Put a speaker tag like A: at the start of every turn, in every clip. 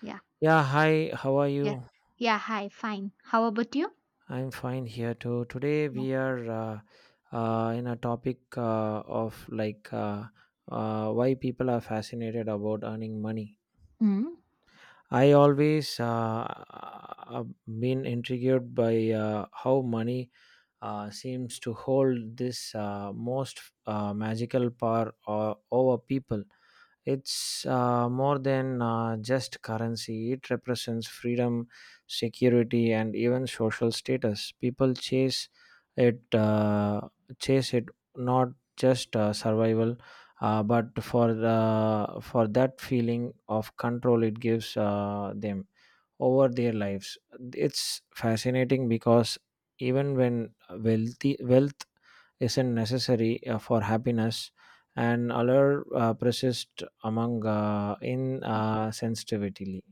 A: Yeah.
B: Yeah, hi, how are
A: Yeah.
B: you?
A: Yeah. Hi. Fine. How about you?
B: I'm fine here too. Today
A: Yeah.
B: we are in a topic of like why people are fascinated about earning money.
A: Mm.
B: I always have been intrigued by how money seems to hold this most magical power over people. It's more than just currency. It represents freedom, security, and even social status. People chase it, uh, it not just survival, but for that feeling of control it gives them over their lives. It's fascinating because even when wealth isn't necessary for happiness, and allure persists among insensitivity.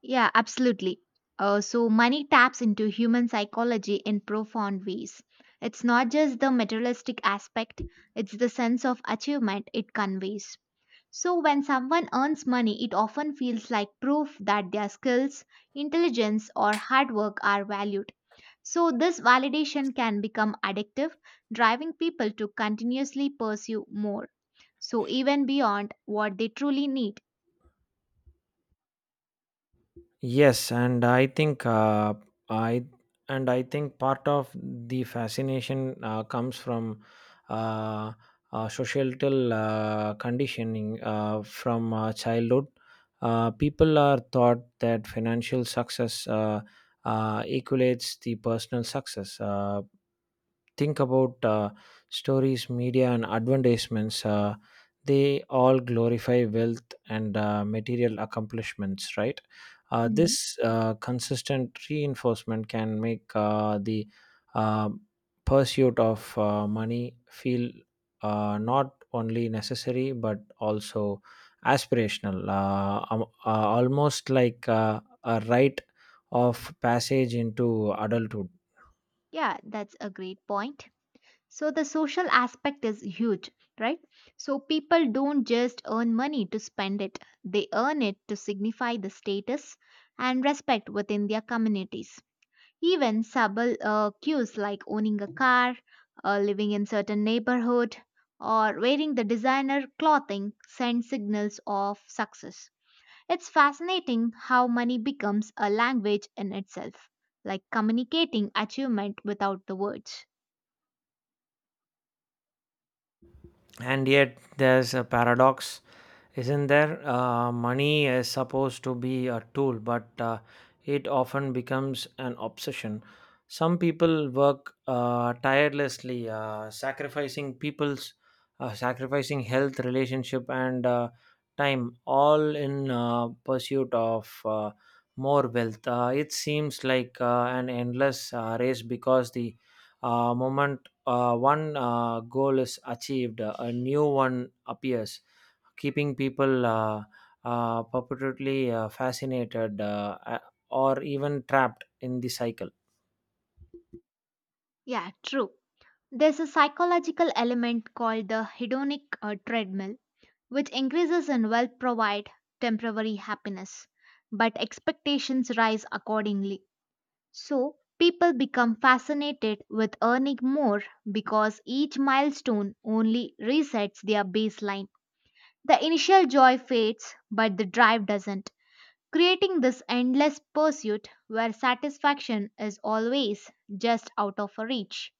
A: Yeah, absolutely. So, money taps into human psychology in profound ways. It's not just the materialistic aspect, it's the sense of achievement it conveys. So, when someone earns money, it often feels like proof that their skills, intelligence, or hard work are valued. So, this validation can become addictive, driving people to continuously pursue more. So, even beyond what they truly need.
B: Yes, and I I think part of the fascination comes from uh, societal conditioning from childhood. People are taught that financial success equates the personal success. Think about stories, media, and advertisements. They all glorify wealth and material accomplishments, right?
A: Mm.
B: This consistent reinforcement can make the uh, pursuit of money feel not only necessary but also aspirational, almost like a rite of passage into adulthood.
A: Yeah, that's a great point. So, the social aspect is huge, right? So, people don't just earn money to spend it, they earn it to signify the status and respect within their communities. Even subtle cues like owning a car, living in certain neighborhood, or wearing the designer clothing send signals of success. It's fascinating how money becomes a language in itself, like communicating achievement without the words.
B: And yet there's a paradox, isn't there? Money is supposed to be a tool, but it often becomes an obsession. Some people work tirelessly, sacrificing health, relationship, and time, all in pursuit of more wealth. It seems like an endless race, because the moment one goal is achieved, a new one appears, keeping people perpetually fascinated, or even trapped in the cycle.
A: Yeah, true. There's a psychological element called the hedonic treadmill, which increases in wealth provide temporary happiness, but expectations rise accordingly. So, people become fascinated with earning more because each milestone only resets their baseline. The initial joy fades, but the drive doesn't, creating this endless pursuit where satisfaction is always just out of reach.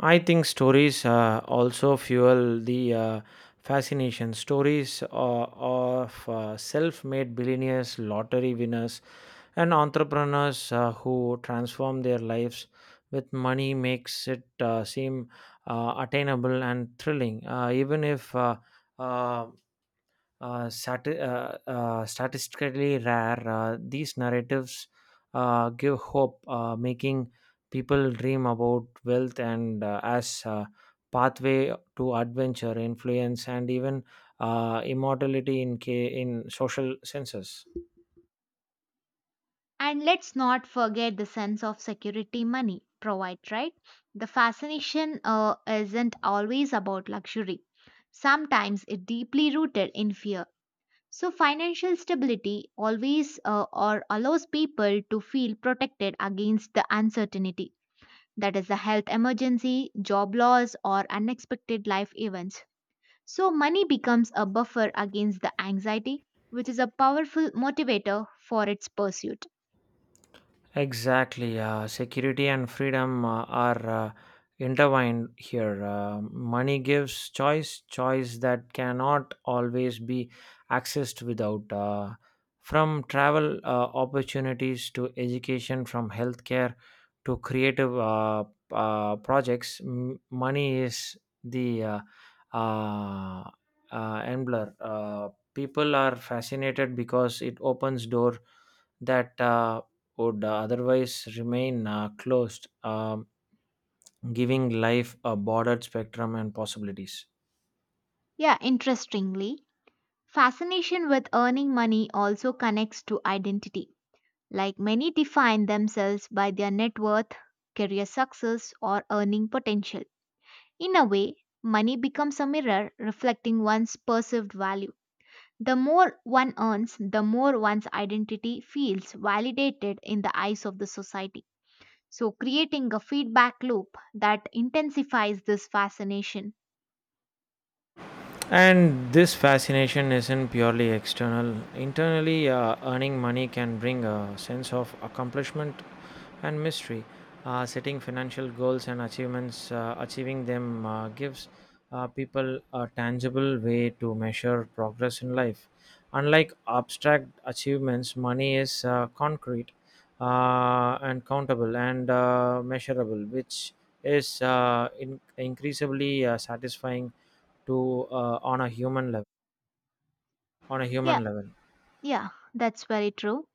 B: I think stories also fuel the fascination. Stories of self made billionaires, lottery winners, and entrepreneurs who transform their lives with money makes it seem attainable and thrilling. Even if uh, statistically rare, these narratives give hope, making people dream about wealth and as a pathway to adventure, influence, and even immortality in social senses.
A: And let's not forget the sense of security money provides, right? The fascination isn't always about luxury. Sometimes it's deeply rooted in fear. So, financial stability always or allows people to feel protected against the uncertainty, that is, the health emergency, job loss, or unexpected life events. So, money becomes a buffer against the anxiety, which is a powerful motivator for its pursuit.
B: Exactly. Security and freedom are intertwined here. Money gives choice, choice that cannot always be accessed without. From travel opportunities to education, from healthcare to creative projects, money is the uh, uh, enabler. People are fascinated because it opens door that. Would otherwise remain closed, um, giving life a bordered spectrum and possibilities.
A: Yeah, interestingly, fascination with earning money also connects to identity. Like many define themselves by their net worth, career success, or earning potential. In a way, money becomes a mirror reflecting one's perceived value. The more one earns, the more one's identity feels validated in the eyes of the society. So, creating a feedback loop that intensifies this fascination.
B: And this fascination isn't purely external. Internally, earning money can bring a sense of accomplishment and mystery. Setting financial goals and achievements, achieving them gives people a tangible way to measure progress in life. Unlike abstract achievements, money is concrete and countable and measurable, which is increasingly satisfying to on a human level on a
A: Yeah,
B: human level.
A: yeah, that's very true.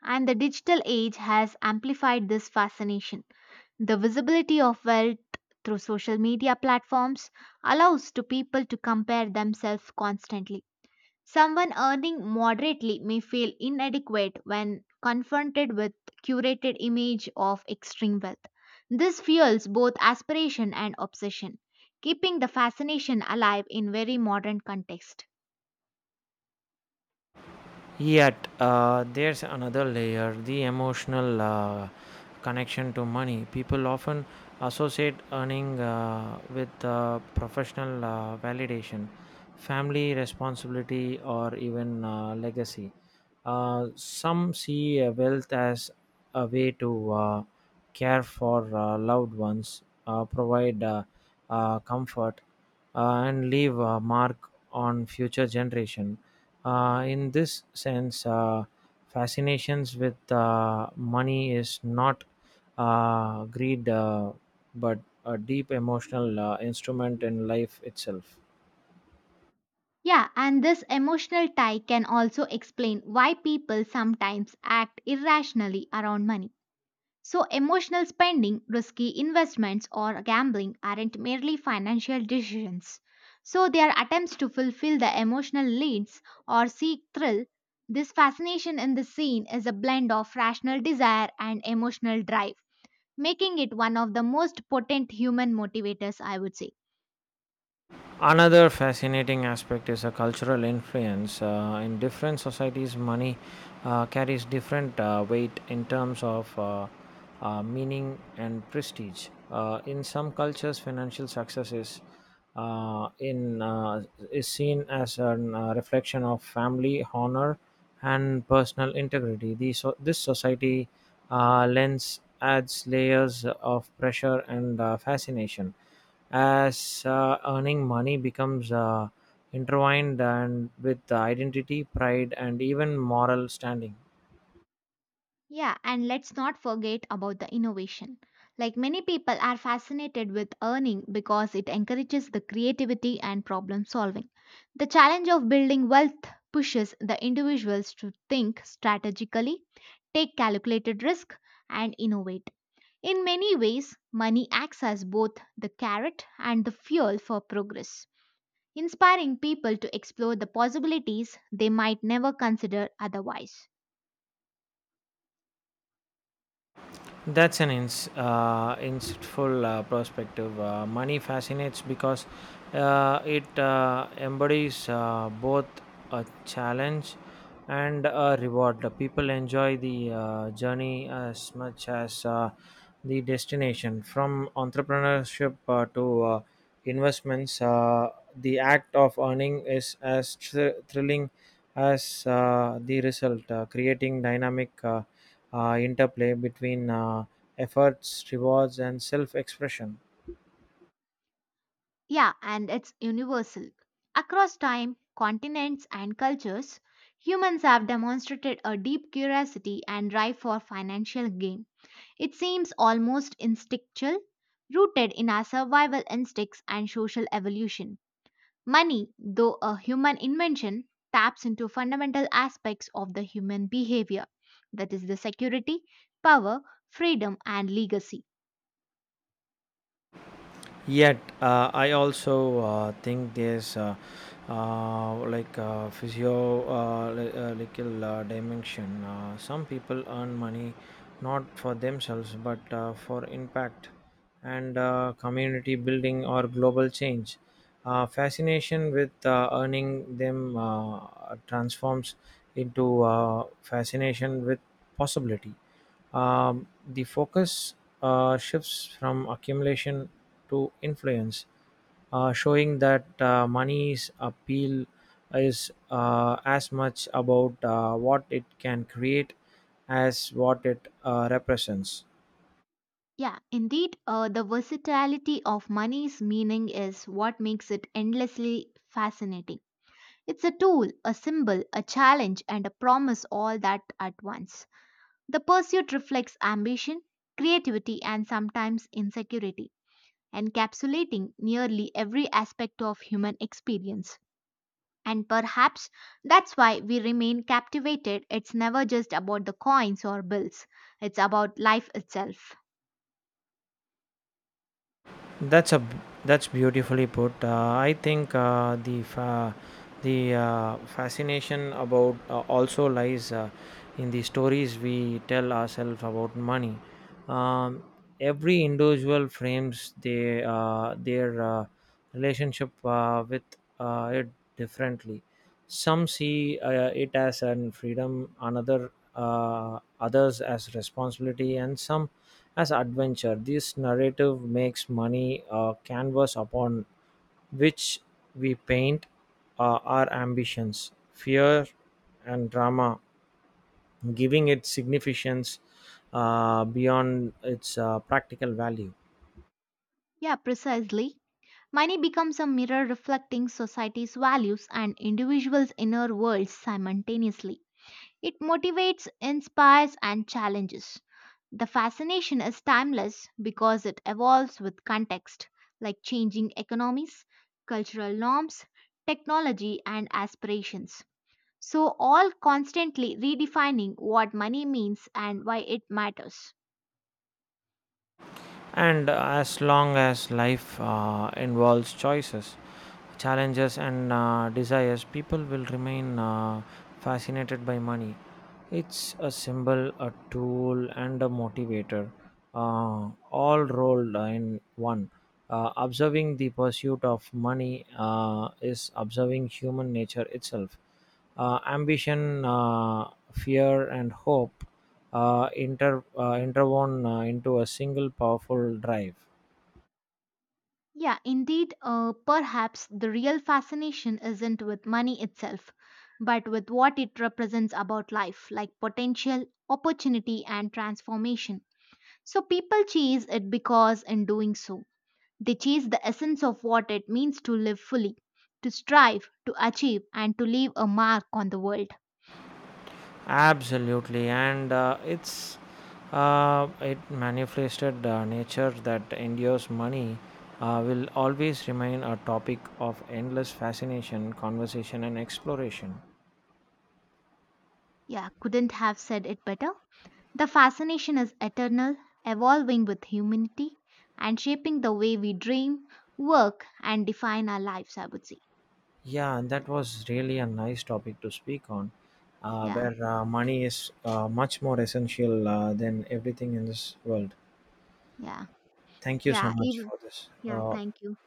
A: And the digital age has amplified this fascination. The visibility of wealth through social media platforms allows to people to compare themselves constantly. Someone earning moderately may feel inadequate when confronted with curated image of extreme wealth. This fuels both aspiration and obsession, keeping the fascination alive in very modern context.
B: Yet, there's another layer, the emotional connection to money. People often associate earning with professional validation, family responsibility, or even legacy. Some see wealth as a way to care for loved ones, provide comfort, and leave a mark on future generation. In this sense, fascinations with money is not greed, but a deep emotional instrument in life itself.
A: Yeah, and this emotional tie can also explain why people sometimes act irrationally around money. So, emotional spending, risky investments, or gambling aren't merely financial decisions. So, they are attempts to fulfill the emotional needs or seek thrill. This fascination in the scene is a blend of rational desire and emotional drive, making it one of the most potent human motivators, I would say.
B: Another fascinating aspect is a cultural influence. In different societies, money carries different weight in terms of meaning and prestige. In some cultures, financial success uh, in uh, is seen as a reflection of family honor and personal integrity. This society lens adds layers of pressure and fascination as earning money becomes intertwined and with identity, pride, and even moral standing.
A: Yeah, and let's not forget about the innovation. Like many people are fascinated with earning because it encourages the creativity and problem solving. The challenge of building wealth pushes the individuals to think strategically, take calculated risk, and innovate. In many ways, money acts as both the carrot and the fuel for progress, inspiring people to explore the possibilities they might never consider otherwise.
B: That's an insightful perspective. Money fascinates because it embodies both a challenge and a reward. The people enjoy the journey as much as the destination. From entrepreneurship to investments, the act of earning is as thrilling as the result, creating dynamic interplay between efforts, rewards, and self expression.
A: Yeah, and it's universal. Across time, continents, and cultures, humans have demonstrated a deep curiosity and drive for financial gain. It seems almost instinctual, rooted in our survival instincts and social evolution. Money, though a human invention, taps into fundamental aspects of the human behavior, that is, the security, power, freedom, and legacy.
B: Yet, I also think there's like physio li- little, dimension. Some people earn money not for themselves but for impact and community building or global change. Fascination with earning them transforms into fascination with possibility. The focus shifts from accumulation to influence, showing that money's appeal is as much about what it can create as what it represents.
A: Yeah, indeed, the versatility of money's meaning is what makes it endlessly fascinating. It's a tool, a symbol, a challenge, and a promise all that at once. The pursuit reflects ambition, creativity, and sometimes insecurity, encapsulating nearly every aspect of human experience. And perhaps that's why we remain captivated. It's never just about the coins or bills, it's about life itself.
B: That's a that's beautifully put. I think the fascination about also lies in the stories we tell ourselves about money. Um, every individual frames their relationship with it differently. Some see it as an freedom, another others as responsibility, and some as adventure. This narrative makes money a canvas upon which we paint our ambitions, fear, and drama, giving it significance beyond its practical value.
A: Yeah, precisely. Money becomes a mirror reflecting society's values and individuals' inner worlds simultaneously. It motivates, inspires, and challenges. The fascination is timeless because it evolves with context, like changing economies, cultural norms, technology, and aspirations. So, all constantly redefining what money means and why it matters.
B: And as long as life involves choices, challenges, and desires, people will remain fascinated by money. It's a symbol, a tool, and a motivator, all rolled in one. Observing the pursuit of money is observing human nature itself, ambition, fear, and hope, interwoven into a single powerful drive.
A: Yeah, indeed, perhaps the real fascination isn't with money itself, but with what it represents about life, like potential, opportunity, and transformation. So people chase it because, in doing so, they chase the essence of what it means to live fully, to strive, to achieve, and to leave a mark on the world.
B: Absolutely, and it's it manifested nature that endures money. Will always remain a topic of endless fascination, conversation, and exploration.
A: Yeah, couldn't have said it better. The fascination is eternal, evolving with humanity and shaping the way we dream, work, and define our lives, I would say.
B: Yeah, and that was really a nice topic to speak on,
A: Yeah,
B: where money is much more essential than everything in this world.
A: yeah,
B: Thank you so
A: yeah,
B: much
A: even,
B: for this.
A: yeah, thank you.